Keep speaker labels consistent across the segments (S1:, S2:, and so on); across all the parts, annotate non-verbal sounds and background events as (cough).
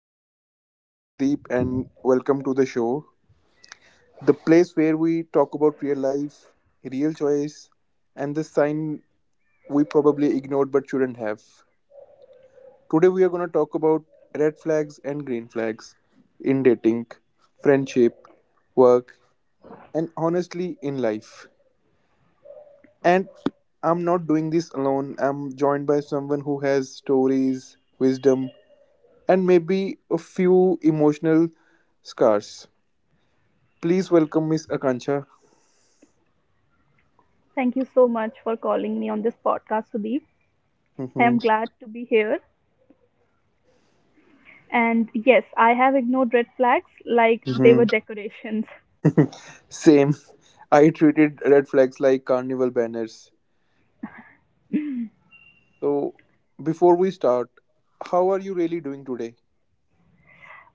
S1: everyone? My name is Sudeep, and welcome to the show. The place where we talk about real life, real choice, and the sign we probably ignored but shouldn't have. Today, we are going to talk about red flags and green flags in dating, friendship, work, and honestly, in life. And I'm not doing this alone. I'm joined by someone who has stories, wisdom, and maybe a few emotional scars. Please welcome Miss Akanksha.
S2: Thank you so much for calling me on this podcast, Sudeep. I am
S1: Hmm.
S2: glad to be here. And yes, I have ignored red flags like they were
S1: Hmm.
S2: decorations.
S1: Same. I treated red flags like carnival banners. So, before we start, how are you really doing today?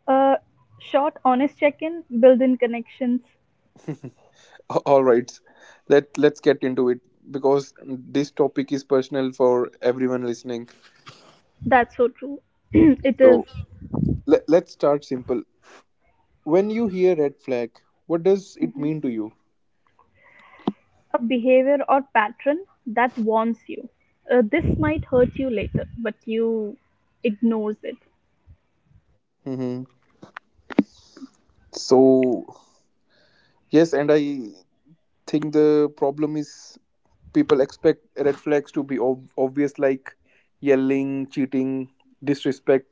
S2: A short, honest check in, build in connections.
S1: All right, let's get into it because this topic is personal for everyone listening.
S2: That's so true. (clears throat) It is.
S1: So let's start simple. When you hear red flag, what does it
S2: Mhm.
S1: mean to you?
S2: A behavior or pattern that warns you. This might hurt you later, but you ignores it.
S1: Hmm. So yes, and I think the problem is people expect red flags to be obvious, like yelling, cheating, disrespect,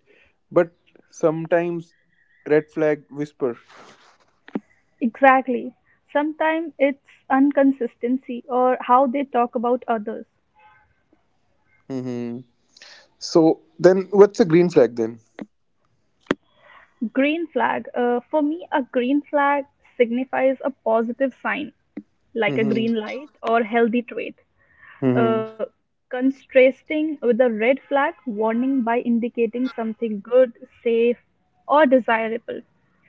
S1: but sometimes red flag whisper.
S2: Exactly. Sometimes it's inconsistency or how they talk about others.
S1: Hmm. So then what's a green flag then?
S2: Green flag. For me, a green flag signifies a positive sign, like a
S1: Hmm.
S2: green light or healthy trait, uh,
S1: Hmm.
S2: contrasting with a red flag warning by indicating something good, safe, or desirable,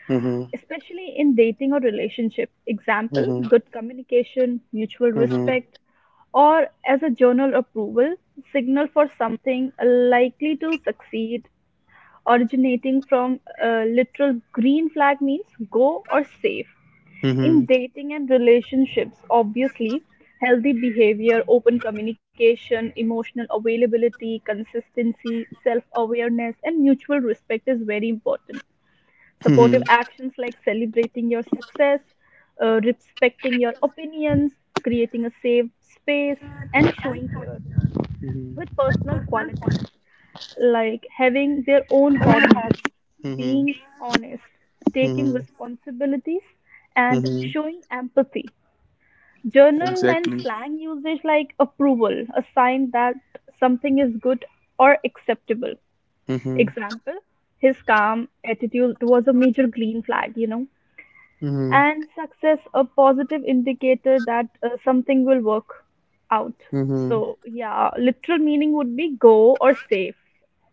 S1: Hmm.
S2: especially in dating or relationship. Example,
S1: Hmm.
S2: good communication, mutual
S1: Hmm. Hmm.
S2: respect, or as a journal approval signal for something likely to succeed, originating from a literal green flag means go or safe. In dating and relationships, obviously, healthy behavior, open communication, emotional availability, consistency, self awareness, and mutual respect is very important.
S1: Hmm.
S2: Supportive actions like celebrating your success, respecting your opinions, creating a safe space, and showing care with personal qualities like having their own hobbies,
S1: Hmm.
S2: being honest, taking
S1: Hmm.
S2: responsibilities, and
S1: Hmm.
S2: showing empathy. Journal and
S1: Exactly.
S2: slang usage like approval, a sign that something is good or acceptable.
S1: Hmm.
S2: Example, his calm attitude was a major green flag.
S1: Hmm.
S2: And success a positive indicator that something will work out.
S1: Hmm.
S2: So yeah, literal meaning would be go or safe.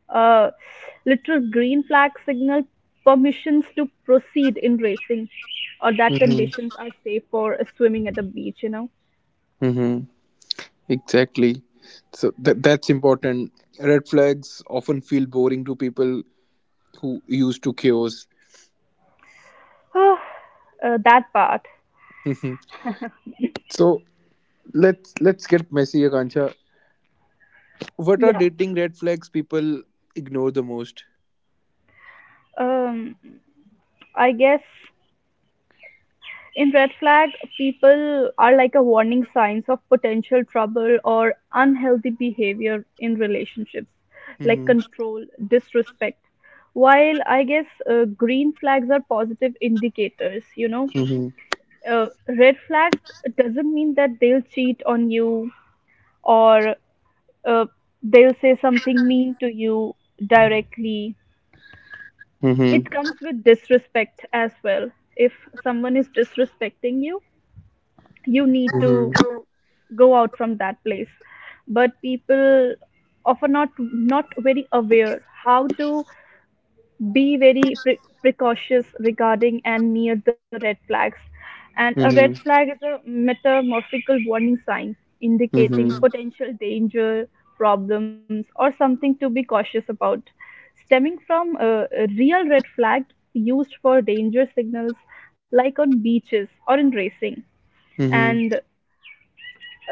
S2: uh, Literal green flag signal permissions to proceed in racing or that
S1: Hmm.
S2: conditions are safe for swimming at the beach, you know.
S1: Hmm. Exactly. So that's important. Red flags often feel boring to people who used to chaos.
S2: (sighs) That part,
S1: Mhm. So let's get messy, Akansha. What are
S2: yeah.
S1: dating red flags people ignore the most?
S2: Um i guess in red flag, people are like a warning signs of potential trouble or unhealthy behavior in relationships, like
S1: Mm-hmm.
S2: control, disrespect. While I guess green flags are positive indicators, you know.
S1: Mm-hmm.
S2: Uh, Red flag doesn't mean that they'll cheat on you or uh, they'll say something mean to you directly.
S1: Mm-hmm.
S2: It comes with disrespect as well. If someone is disrespecting you, you need
S1: Mm-hmm.
S2: to go out from that place, but people often not very aware how to be very precautious regarding and near the red flags. And a red
S1: Mm-hmm.
S2: flag is a metamorphical warning sign
S1: Mm-hmm.
S2: indicating potential danger, problems, or something to be cautious about, stemming from a real red flag used for danger signals like on beaches or in racing.
S1: Mm-hmm.
S2: And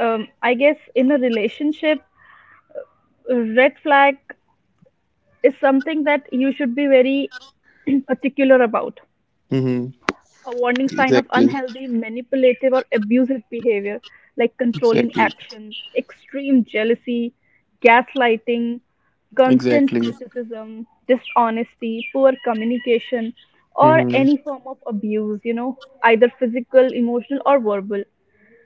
S2: I guess in a relationship, red flag is something that you should be very (clears throat) particular about.
S1: Mm-hmm.
S2: A warning sign of
S1: Exactly.
S2: unhealthy, manipulative, or abusive behavior like controlling
S1: Exactly.
S2: actions, extreme jealousy, gaslighting, constant
S1: Exactly.
S2: criticism, dishonesty, poor communication, or any
S1: Mm-hmm.
S2: form of abuse, you know, either physical, emotional, or verbal,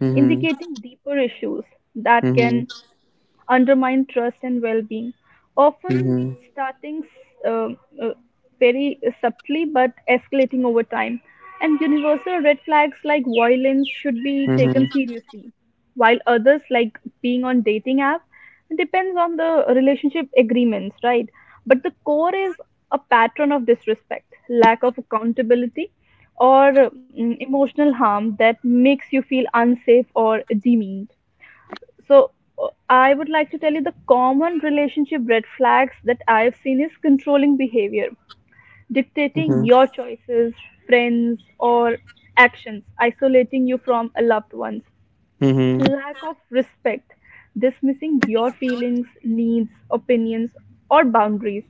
S1: Mm-hmm.
S2: indicating deeper issues that
S1: Mm-hmm.
S2: can undermine trust and well-being, often
S1: Mm-hmm.
S2: starting uh, uh, very subtly but escalating over time. And universal red flags like violence should be taken
S1: Mm-hmm.
S2: seriously, while others like being on dating app depends on the relationship agreements, right? But the core is a pattern of disrespect, lack of accountability, or emotional harm that makes you feel unsafe or demeaned. So I would like to tell you the common relationship red flags that I've seen is controlling behavior, dictating
S1: Mm-hmm.
S2: your choices, friends, or actions, isolating you from a loved ones,
S1: Mm-hmm. Mm-hmm.
S2: lack of respect, dismissing your feelings, needs, opinions, or boundaries,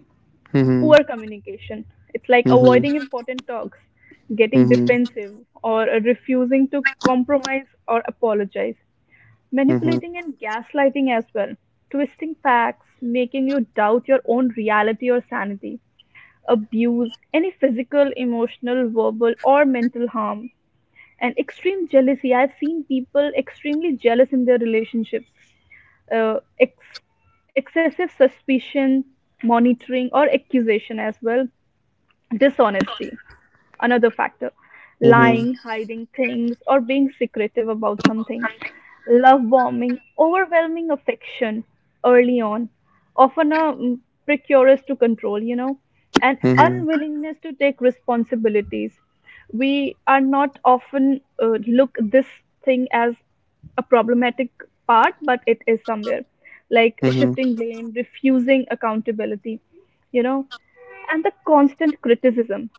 S1: Mm-hmm.
S2: poor communication. It's like
S1: Mm-hmm. Mm-hmm.
S2: avoiding
S1: Mm-hmm.
S2: important talks, getting defensive, or refusing to compromise or apologize, manipulating and gaslighting as well, twisting facts, making you doubt your own reality or sanity, abuse, any physical, emotional, verbal, or mental harm, and extreme jealousy. I've seen people extremely jealous in their relationships, uh, ex- excessive suspicion, monitoring, or accusation as well. Dishonesty, another factor.
S1: Mm-hmm.
S2: Lying, hiding things, or being secretive about something. Love bombing, overwhelming affection early on, often a precarious to control, you know, and unwillingness to take responsibilities. We are not often look this thing as a problematic part, but it is somewhere like
S1: Mm-hmm.
S2: shifting blame, refusing accountability, you know, and the constant criticism,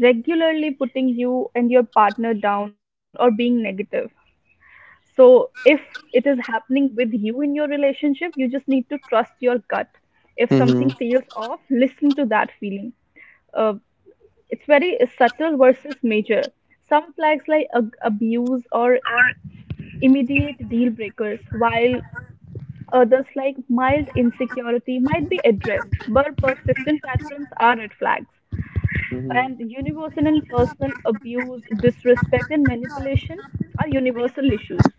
S2: regularly putting you and your partner down or being negative. So, if it is happening with you in your relationship, you just need to trust your gut. If
S1: Mm-hmm.
S2: something
S1: Mm-hmm.
S2: feels off, listen to that feeling. Uh, it's very subtle versus major. Some flags like abuse or immediate deal breakers, while others like mild insecurity might be addressed, but persistent patterns are red flags. And universal and personal abuse, disrespect, and manipulation are universal issues.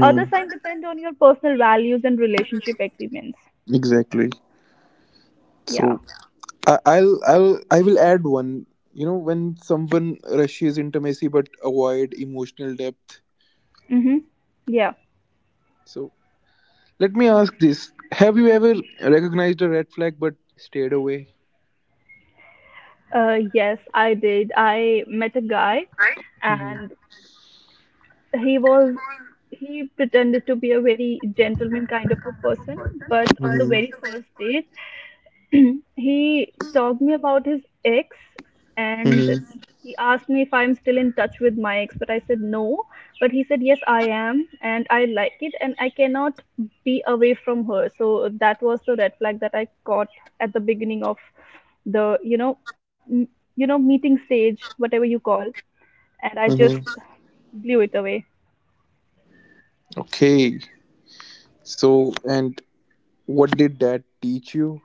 S2: Other signs depend on your personal values and relationship agreements.
S1: Exactly.
S2: Yeah.
S1: So I, I'll I will add one. You know, when someone rushes intimacy but avoid emotional depth.
S2: Mm-hmm. Yeah.
S1: So let me ask this: have you ever recognized a red flag but stayed away?
S2: Yes, I did. I met a guy,
S1: Mhm.
S2: and he was he pretended to be a very gentleman kind of a person, but on the
S1: Mhm.
S2: very first date, (clears throat) he talked me about his ex, and
S1: Mhm.
S2: he asked me if I'm still in touch with my ex, but I said no. But he said, yes, I am, and I like it, and I cannot be away from her. So that was the red flag that I caught at the beginning of the, you know, m- you know, meeting stage, whatever you call, and I
S1: Mhm.
S2: just blew it away.
S1: Okay. So, and what did that teach you?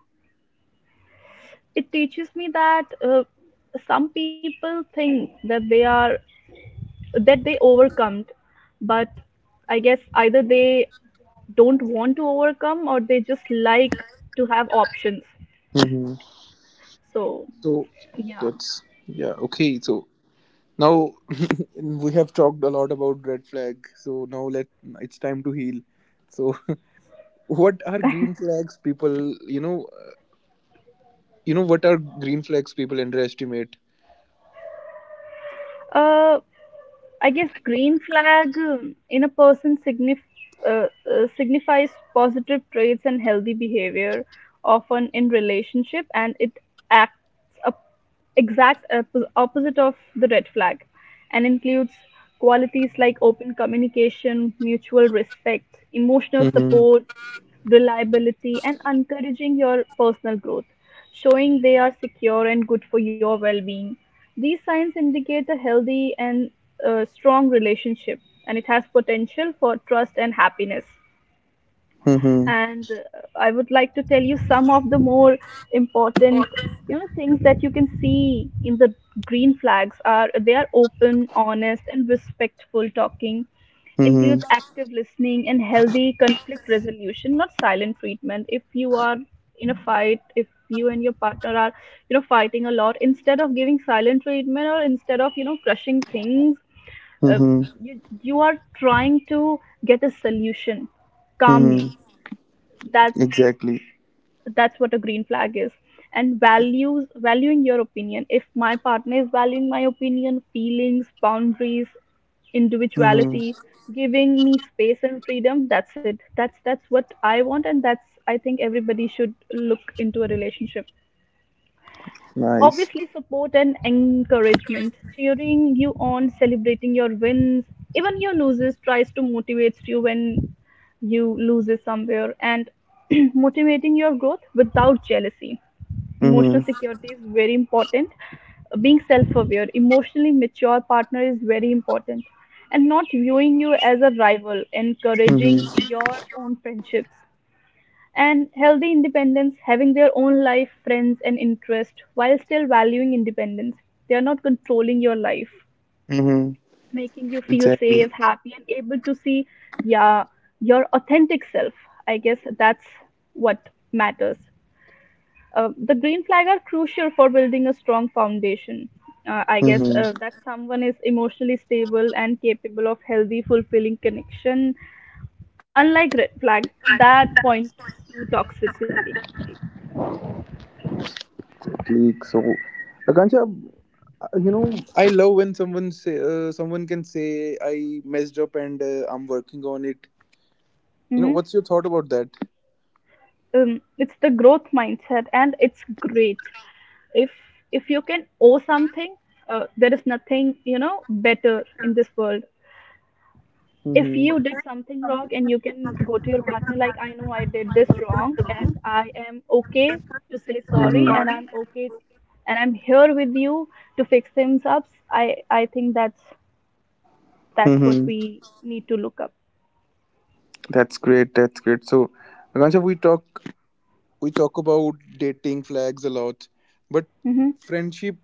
S2: It teaches me that some people think that they are that they overcome it. But I guess either they don't want to overcome or they just like to have options.
S1: Mhm.
S2: So
S1: So
S2: yeah.
S1: that's, yeah. Okay. So now, (laughs) we have talked a lot about red flag, so now let it's time to heal. So (laughs) what are green flags people, you know what are green flags people underestimate?
S2: uh I guess green flag in a person signifies positive traits and healthy behavior, often in relationship, and it acts a exact opposite of the red flag, and includes qualities like open communication, mutual respect, emotional
S1: Mhm.
S2: support, reliability, and encouraging your personal growth, showing they are secure and good for your well being. These signs indicate a healthy and strong relationship, and it has potential for trust and happiness.
S1: Mhm.
S2: And I would like to tell you some of the more important, you know, things that you can see in the green flags are they are open, honest, and respectful talking, includes
S1: Mhm.
S2: active listening and healthy conflict resolution, not silent treatment. If you are in a fight, if you and your partner are, you know, fighting a lot, instead of giving silent treatment, or instead of, you know, crushing things, uh,
S1: Mhm.
S2: you are trying to get a solution calmly.
S1: Mhm.
S2: that's
S1: Exactly.
S2: that's what a green flag is. And values, valuing your opinion. If my partner is valuing my opinion, feelings, boundaries,
S1: Mhm.
S2: individuality, giving me space and freedom, that's it, that's what I want, and that's I think everybody should look into a relationship.
S1: Nice.
S2: Obviously, support and encouragement, cheering you on, celebrating your wins, even your losses, tries to motivate you when you loses somewhere, and (clears throat) motivating your growth without jealousy. Emotional
S1: Mhm.
S2: security is very important. Being self-aware, emotionally mature partner is very important, and not viewing you as a rival, encouraging
S1: Mhm.
S2: your own friendships, and healthy independence, having their own life, friends, and interest while still valuing independence. They are not controlling your life,
S1: Mhm.
S2: making you feel safe,
S1: Exactly.
S2: happy, and able to see, yeah, your authentic self. I guess that's what matters. The green flag are crucial for building a strong foundation. I guess
S1: Mhm.
S2: that someone is emotionally stable and capable of healthy, fulfilling connection. Unlike red flag, that point to toxicity.
S1: Exactly. So, Akansha, uh, you know, I love when someone can say I messed up, and I'm working on it. You know,
S2: Mm-hmm.
S1: what's your thought about that?
S2: It's the growth mindset and it's great if if you can owe something, there is nothing, you know, better in this world. If
S1: Mm-hmm.
S2: you did something wrong and you can go to your partner like I know I did this wrong, and I am okay to say sorry, and
S1: Mm-hmm.
S2: I'm okay, and I'm here with you to fix things up. I think that's what
S1: Mm-hmm.
S2: we need to look up.
S1: That's great. That's great. So, Akansha, we talk about dating flags a lot, but
S2: Hmm.
S1: friendship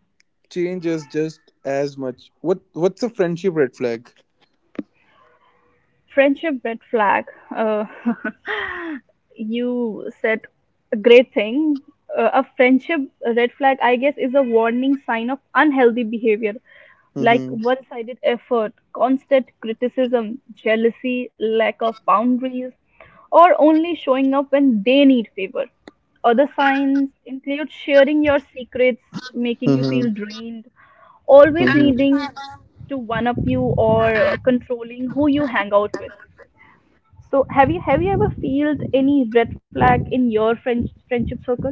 S1: changes just as much. What's a friendship red flag?
S2: Friendship red flag. uh, (laughs) you said a great thing. A friendship red flag, I guess, is a warning sign of unhealthy behavior like
S1: Mm-hmm.
S2: one sided effort, constant criticism, jealousy, lack of boundaries, or only showing up when they need favor. Other signs include sharing your secrets, making you
S1: Mm-hmm.
S2: feel drained, always
S1: Mm-hmm.
S2: needing to one up you, or controlling who you hang out with. So have you ever felt any red flag in your friendship circle?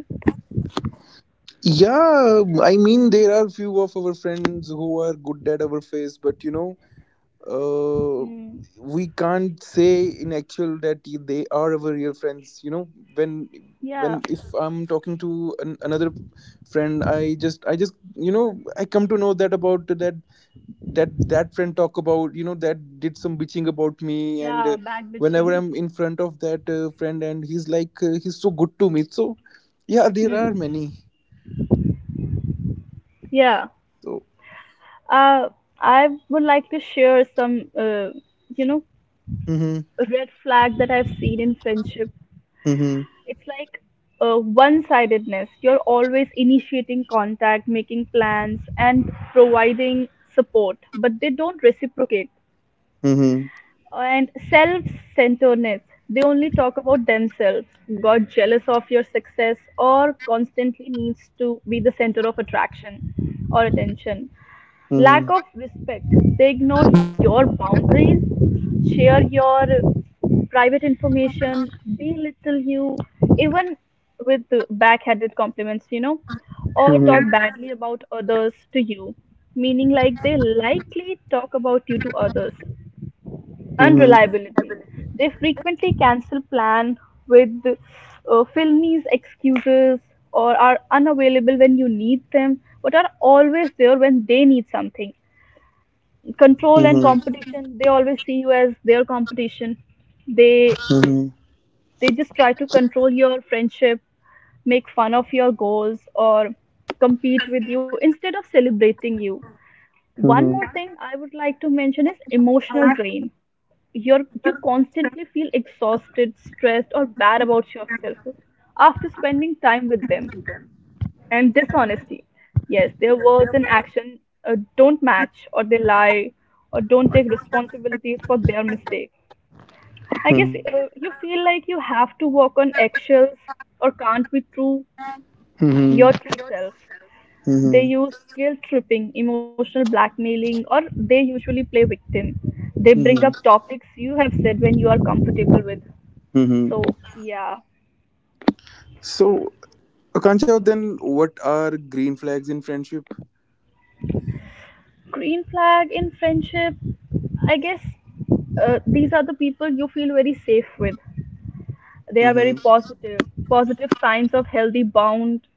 S1: Yeah, I mean there are few of our friends who are good at our face, but, you know, uh,
S2: Mm.
S1: we can't say in actual that they are our real friends. You know, when when
S2: Yeah.
S1: if I'm talking to another friend, I just I come to know that, about that that friend talk about, you know, that did some bitching about me, and
S2: Yeah, bad
S1: whenever
S2: bitching.
S1: I'm in front of that friend, and he's like, he's so good to me, so yeah, there are
S2: Hmm.
S1: many.
S2: Yeah.
S1: So.
S2: Uh, I would like to share some, you know,
S1: Mm-hmm.
S2: red flag that I've seen in friendship.
S1: Mm-hmm.
S2: It's like one-sidedness. You're always initiating contact, making plans, and providing support, but they don't reciprocate.
S1: Mm-hmm.
S2: And self-centeredness. They only talk about themselves, got jealous of your success, or constantly needs to be the center of attraction or attention. Lack
S1: Mm-hmm.
S2: of respect. They ignore your boundaries, share your private information, belittle you, even with the backhanded compliments, you know, or talk
S1: Mm-hmm.
S2: badly about others to you. Meaning, like, they likely talk about you to others.
S1: Mm-hmm.
S2: Unreliability. They frequently cancel plan with filmi's excuses or are unavailable when you need them, but are always there when they need something. Control and
S1: Mm-hmm.
S2: competition, they always see you as their competition. They
S1: Mm-hmm.
S2: they just try to control your friendship, make fun of your goals, or compete with you instead of celebrating you. One more
S1: Mhm.
S2: thing I would like to mention is emotional drain. You constantly feel exhausted, stressed, or bad about yourself after spending time with them. And dishonesty. Yes, their words and action don't match, or they lie, or don't take responsibilities for their mistakes. I guess
S1: Mhm.
S2: you feel like you have to walk on eggshells or can't be true
S1: Mhm.
S2: your true self. They
S1: Mhm.
S2: use guilt tripping, emotional blackmailing, or they usually play victim. They bring up
S1: Mhm.
S2: topics you have said when you are comfortable with.
S1: Mhm.
S2: So, yeah.
S1: So, Akanksha, then what are green flags in friendship?
S2: Green flag in friendship, I guess these are the people you feel very safe with. They are very
S1: Mm-hmm.
S2: positive signs of healthy bond,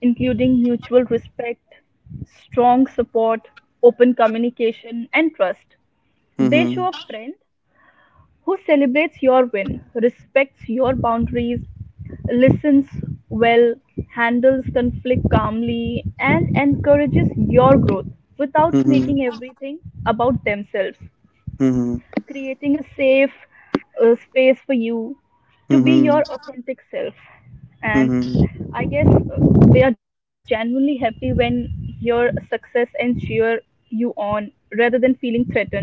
S2: including mutual respect, strong support, open communication, and trust. They show
S1: Mm-hmm.
S2: a friend who celebrates your win, respects your boundaries, listens well, handles conflict calmly, and encourages your growth without
S1: Mm-hmm.
S2: making everything about themselves.
S1: Mm-hmm.
S2: Creating a safe space for you to be your
S1: Mm-hmm.
S2: authentic self. And
S1: Mm-hmm.
S2: I guess they are genuinely happy when your success and cheer you on rather than feeling threatened.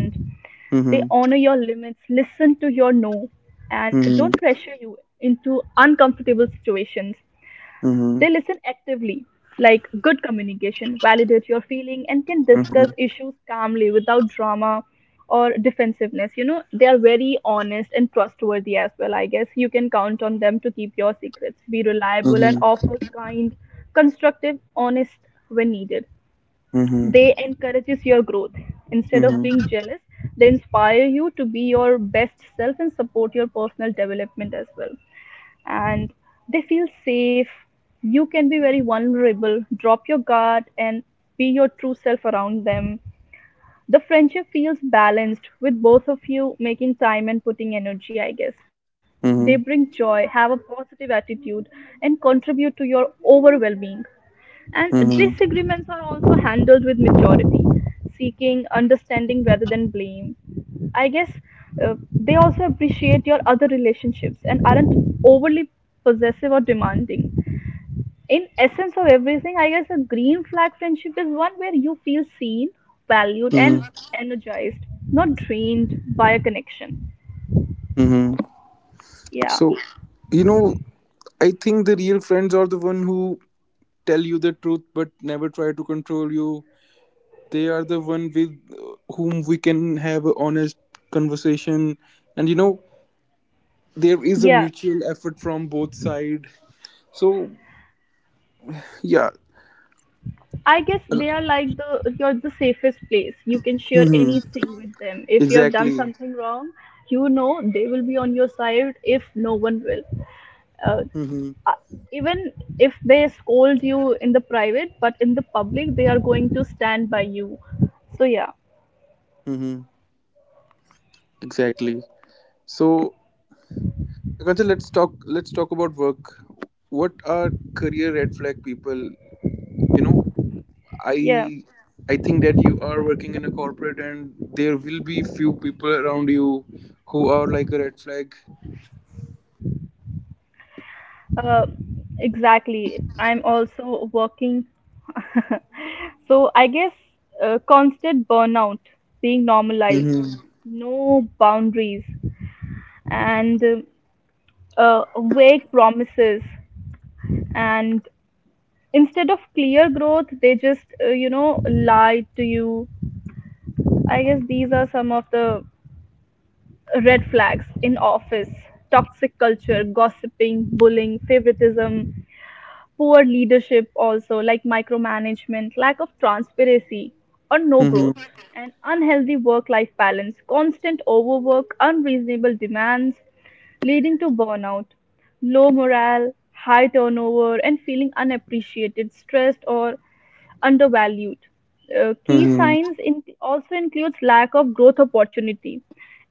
S2: They honor your limits, listen to your no, and
S1: Mm-hmm. Mm-hmm.
S2: don't
S1: Mm-hmm.
S2: pressure you into uncomfortable situations.
S1: Mm-hmm.
S2: They listen actively, like good communication, validate your feeling, and can
S1: Mm-hmm.
S2: discuss
S1: Mm-hmm.
S2: issues calmly without drama or defensiveness. You know, they are very honest and trustworthy as well. I guess you can count on them to keep your secrets, be reliable, and
S1: Mm-hmm.
S2: offers kind, constructive, honest when needed.
S1: Mm-hmm.
S2: They encourages your growth instead of being jealous. They inspire you to be your best self and support your personal development as well. And they feel safe, you can be very vulnerable, drop your guard, and be your true self around them. The friendship feels balanced with both of you making time and putting energy, I guess. They bring joy, have a positive attitude, and contribute to your overall well-being. And disagreements are also handled with maturity, seeking understanding rather than blame. I guess they also appreciate your other relationships and aren't overly possessive or demanding. In essence of everything, I guess a green flag friendship is one where you feel seen, valued, and
S1: Mm-hmm.
S2: energized, not drained by a connection.
S1: Mm-hmm.
S2: Yeah.
S1: So, you know, I think the real friends are the one who tell you the truth but never try to control you. They are the one with whom we can have a honest conversation, and, you know, there is a
S2: Yeah.
S1: mutual effort from both side. So yeah.
S2: I guess they are like the you're the safest place. You can share
S1: Hmm.
S2: anything with them. If you have done
S1: Exactly.
S2: something wrong, you know they will be on your side if no one will. Uh,
S1: Hmm.
S2: uh, Even if they scold you in the private, but in the public, they are going to stand by you. So yeah,
S1: Hmm. Exactly. So, Akansha, let's talk about work. What are career red flag people? You know, i
S2: yeah,
S1: I think that you are working in a corporate and there will be few people around you who are like a red flag.
S2: uh, exactly. I'm also working. (laughs) So I guess constant burnout being normalized,
S1: Hmm.
S2: no boundaries, and uh, vague promises, and instead of clear growth they just lie to you. I guess these are some of the red flags in office. Toxic culture, gossiping, bullying, favoritism, poor leadership, also like micromanagement, lack of transparency or no growth, an unhealthy work life balance, constant overwork, unreasonable demands leading to burnout, low morale, high turnover, and feeling unappreciated, stressed, or undervalued. Key
S1: Mhm.
S2: signs in, also includes lack of growth opportunity,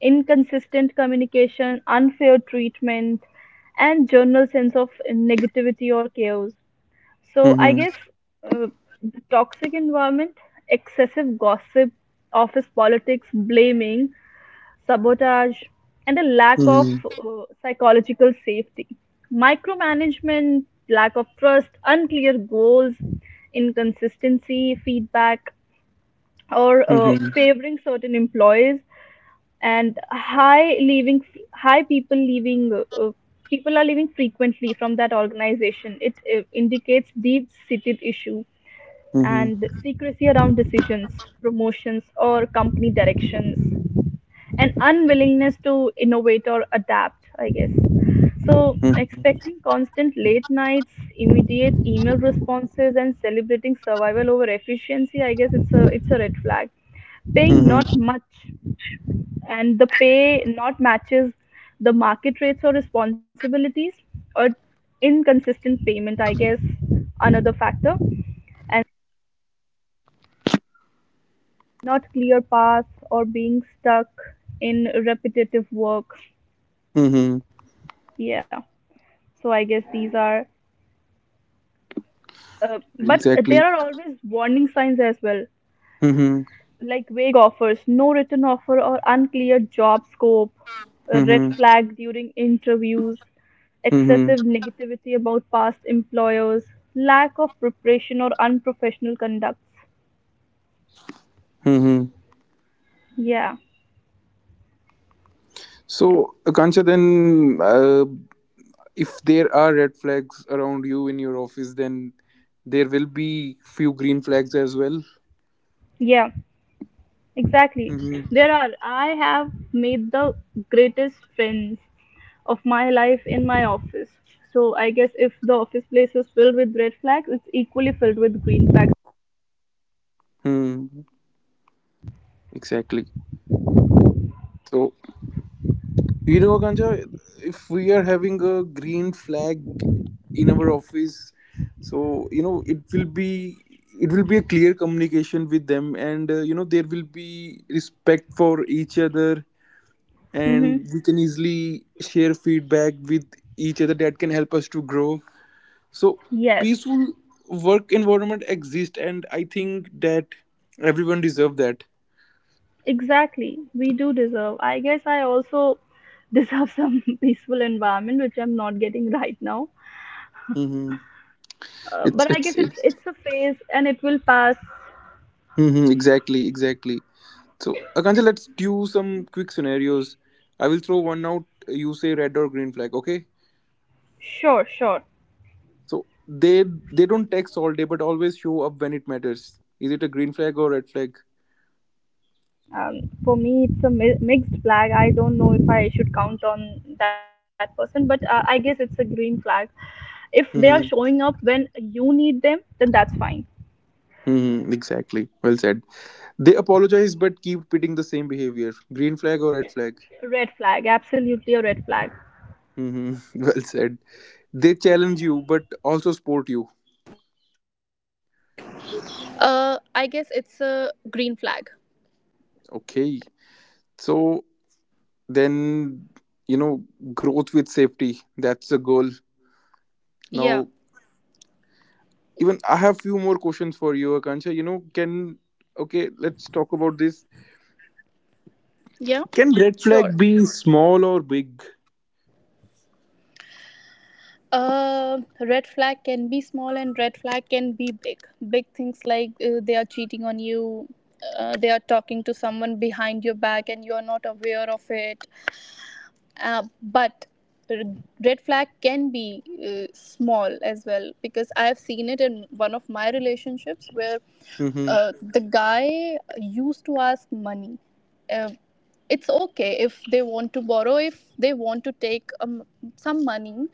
S2: inconsistent communication, unfair treatment, and general sense of negativity or chaos. So I
S1: Mhm.
S2: guess uh, the toxic environment, excessive gossip, office politics, blaming, sabotage, and a lack of
S1: Mhm.
S2: psychological safety, micromanagement, lack of trust, unclear goals, inconsistency, feedback, or
S1: Mhm.
S2: favoring certain employees, and high leaving high people leaving people are leaving frequently from that organization. It indicates deep seated issue,
S1: Mhm.
S2: and secrecy around decisions, promotions, or company directions, an unwillingness to innovate or adapt, I guess. So,
S1: Mhm.
S2: expecting constant late nights, immediate email responses, and celebrating survival over efficiency, I guess it's a red flag. Paying
S1: Mhm.
S2: not much, and the pay not matches the market rates or responsibilities, or inconsistent payment, I guess, another factor, and not clear paths or being stuck in repetitive work.
S1: Mhm.
S2: Yeah. So I guess these are, but there
S1: Exactly.
S2: are always warning signs as well,
S1: Mhm.
S2: like vague offers, no written offer, or unclear job scope, a red
S1: Mhm.
S2: flag during interviews,
S1: Mhm.
S2: excessive negativity about past employers, lack of preparation or unprofessional conducts.
S1: Mhm.
S2: Yeah,
S1: So, Akansha, then if there are red flags around you in your office, then there will be few green flags as well.
S2: yeah. Exactly.
S1: Mm-hmm.
S2: There are. I have made the greatest friends of my life in my office. So I guess if the office place is filled with red flags, it's equally filled with green flags.
S1: Mm-hmm. Exactly. So, you know, Kancha, if we are having a green flag in our office, so, you know, it will be a clear communication with them, and you know there will be respect for each other,
S2: Mm-hmm.
S1: and we can easily share feedback with each other that can help us to grow. So
S2: Yes,
S1: peaceful work environment exists, and I think that everyone deserve that.
S2: exactly. We do deserve. I guess I also (laughs) deserve some (laughs) peaceful environment, which I'm not getting right now.
S1: Mm-hmm. It's
S2: But I guess
S1: it's
S2: it's
S1: it's.
S2: it's a phase and it will pass.
S1: Hmm. Exactly, exactly. So, Akansha, let's do some quick scenarios. I will throw one out. You say red or green flag, okay?
S2: Sure, sure.
S1: So they don't text all day, but always show up when it matters. Is it a green flag or red flag?
S2: For me it's a mixed flag. I don't know if I should count on that person, but I guess it's a green flag if they are showing up
S1: Mm-hmm.
S2: when you need them. Then that's fine.
S1: Mm-hmm. Exactly. Well said. They apologize but keep repeating the same behavior. Green flag or red flag?
S2: Red flag, absolutely a red flag.
S1: Mm-hmm. (laughs) Well said. They challenge you but also support you.
S2: I guess it's a green flag.
S1: Okay. So then, you know, growth with safety. That's the goal.
S2: Yeah,
S1: Now even I have few more questions for you, Akanksha. You know, can okay, let's talk about this.
S2: yeah,
S1: Can red
S2: sure.
S1: flag be small or big?
S2: Red flag can be small and red flag can be big. Big things like they are cheating on you, they are talking to someone behind your back and you are not aware of it. But r- red flag can be small as well, because I have seen it in one of my relationships where
S1: Mm-hmm.
S2: the guy used to ask money. uh, it's okay if they want to borrow, if they want to take some money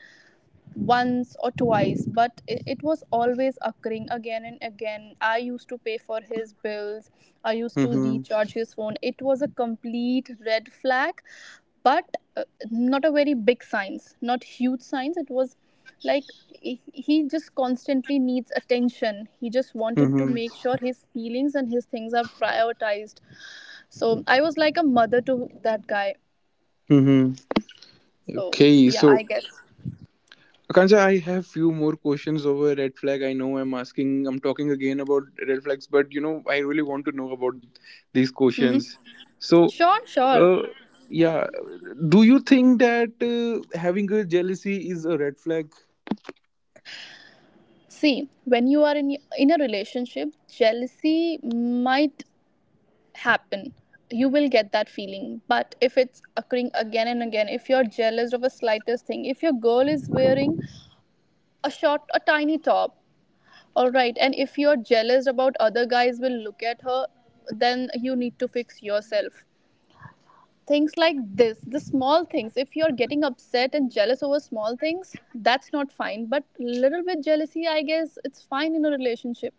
S2: once or twice, but it was always occurring again and again. I used to pay for his bills, I used to
S1: Mm-hmm.
S2: recharge his phone. It was a complete red flag. But not a very big signs, not huge signs. It was like he just constantly needs attention. He just wanted to
S1: Mm-hmm.
S2: make sure his feelings and his things are prioritized. So I was like a mother to that guy.
S1: Mm-hmm.
S2: So
S1: Okay.
S2: yeah, I
S1: So,
S2: guess.
S1: Akanksha, I have few more questions over red flag. I know, I'm talking again about red flags, but, you know, I really want to know about these questions. So
S2: Sure, sure.
S1: uh, yeah, do you think that having a jealousy is a red flag?
S2: See, when you are in a relationship, jealousy might happen. You will get that feeling. But if it's occurring again and again, if you're jealous of a slightest thing, if your girl is wearing a tiny top, all right, and if you're jealous about other guys will look at her, then you need to fix yourself. Things like this, the small things. If you're getting upset and jealous over small things, that's not fine. But little bit jealousy, I guess, it's fine in a relationship.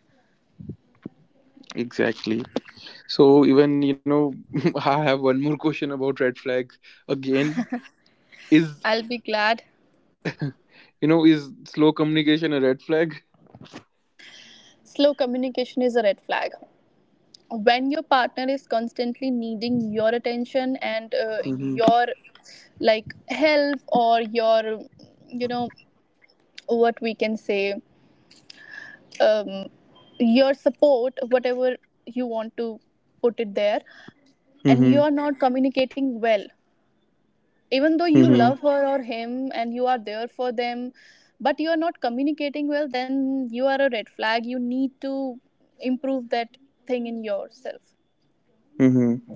S1: Exactly. So even, you know, (laughs) I have one more question about red flag again. Is
S2: I'll be glad.
S1: you know is slow communication a red flag?
S2: Slow communication is a red flag. When your partner is constantly needing your attention and
S1: Mm-hmm.
S2: your like help or your you know what we can say um, your support, whatever you want to put it there, and you
S1: Mm-hmm.
S2: are not communicating well, even though you
S1: Mm-hmm.
S2: love her or him and you are there for them, but you are not communicating well, then you are a red flag. You need to improve that thing in yourself.
S1: Mm-hmm.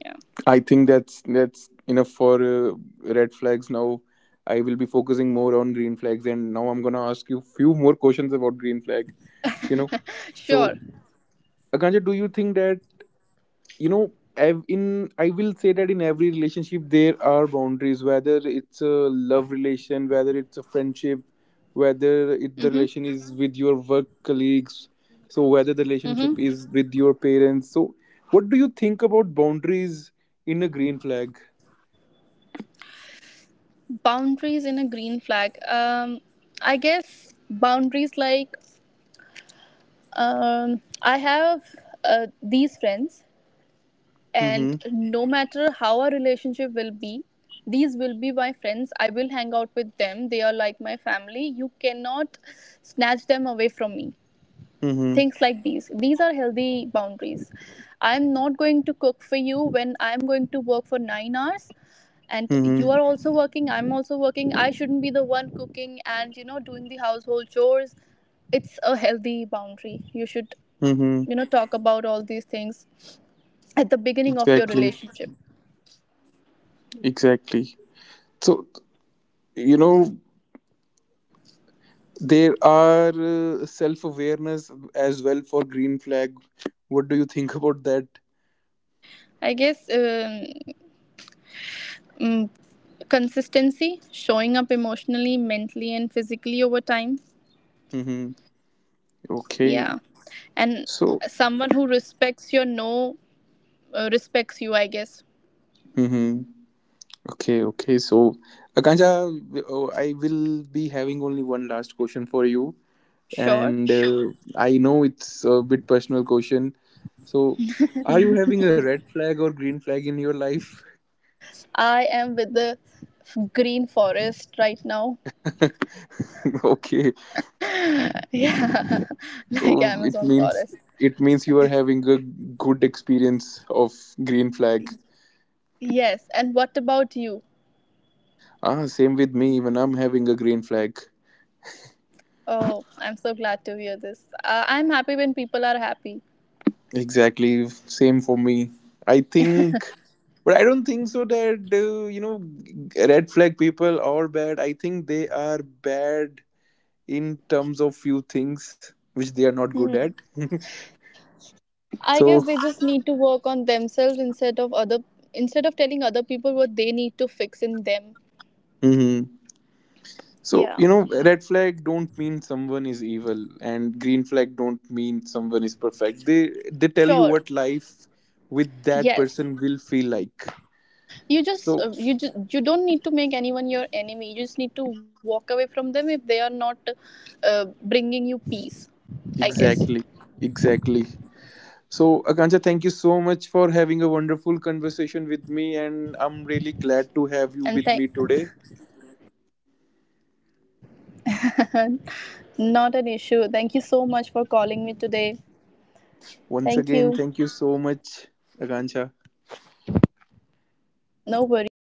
S2: Yeah.
S1: I think that's enough for red flags. Now I will be focusing more on green flags, and now I'm gonna ask you few more questions about green flag. You know,
S2: Sure.
S1: so, Akanja, do you think that you know ev- in I will say that in every relationship there are boundaries, whether it's a love relation, whether it's a friendship, whether
S2: Mm-hmm.
S1: the relation is with your work colleagues, so whether the
S2: Mm-hmm.
S1: relationship is with your parents. So what do you think about boundaries in a green flag?
S2: Boundaries in a green flag. I guess boundaries like um I have these friends, and
S1: Mm-hmm.
S2: no matter how our relationship will be, these will be my friends. I will hang out with them, they are like my family. You cannot snatch them away from me.
S1: Mm-hmm.
S2: Things like these are healthy boundaries. I'm not going to cook for you when I'm going to work for 9 hours and
S1: Mm-hmm.
S2: you are also working. I'm also working, I shouldn't be the one cooking and doing the household chores. It's a healthy boundary, you should
S1: Mm-hmm.
S2: talk about all these things at the beginning of your
S1: Exactly.
S2: relationship.
S1: Exactly. So, you know, there are self awareness as well for green flag. What do you think (laughs) about that?
S2: I guess mm, consistency, showing up emotionally, mentally, and physically over time.
S1: Mm-hmm. Okay.
S2: Yeah. And
S1: So,
S2: someone who respects your no, respects you, I guess.
S1: Mm-hmm. Okay, okay. So, Akansha, oh, I will be having only one last question for you.
S2: Sure.
S1: And I know it's a bit personal question. So, are you having a red flag or green flag in your life? (laughs)
S2: I am with the green forest right now.
S1: Okay.
S2: (laughs) Yeah. (laughs) Like
S1: So, it
S2: Amazon
S1: means
S2: forest.
S1: it means you are having a good experience of green flag.
S2: Yes. And what about you?
S1: Ah, same with me. Even I'm having a green flag.
S2: Oh, I'm so glad to hear this. I'm happy when people are happy.
S1: Exactly. Same for me. I think, but I don't think so that, you know, red flag people are bad. I think they are bad in terms of few things which they are not good
S2: Hmm.
S1: at. (laughs)
S2: I
S1: So.
S2: guess they just need to work on themselves instead of other instead of telling other people what they need to fix in them.
S1: Mhm. So,
S2: Yeah.
S1: you know, red flag don't mean someone is evil and green flag don't mean someone is perfect. They tell you
S2: Sure.
S1: what life with that
S2: Yes.
S1: person will feel like. So.
S2: You don't need to make anyone your enemy. You just need to walk away from them if they are not bringing you peace. I guess.
S1: Exactly, exactly. So, Akanksha, thank you so much for having a wonderful conversation with me, and I'm really glad to have you
S2: And
S1: with
S2: thank
S1: me today.
S2: (laughs) Not an issue. Thank you so much for calling me today.
S1: Once
S2: Thank
S1: again,
S2: you.
S1: thank you so much, Akanksha.
S2: No worries.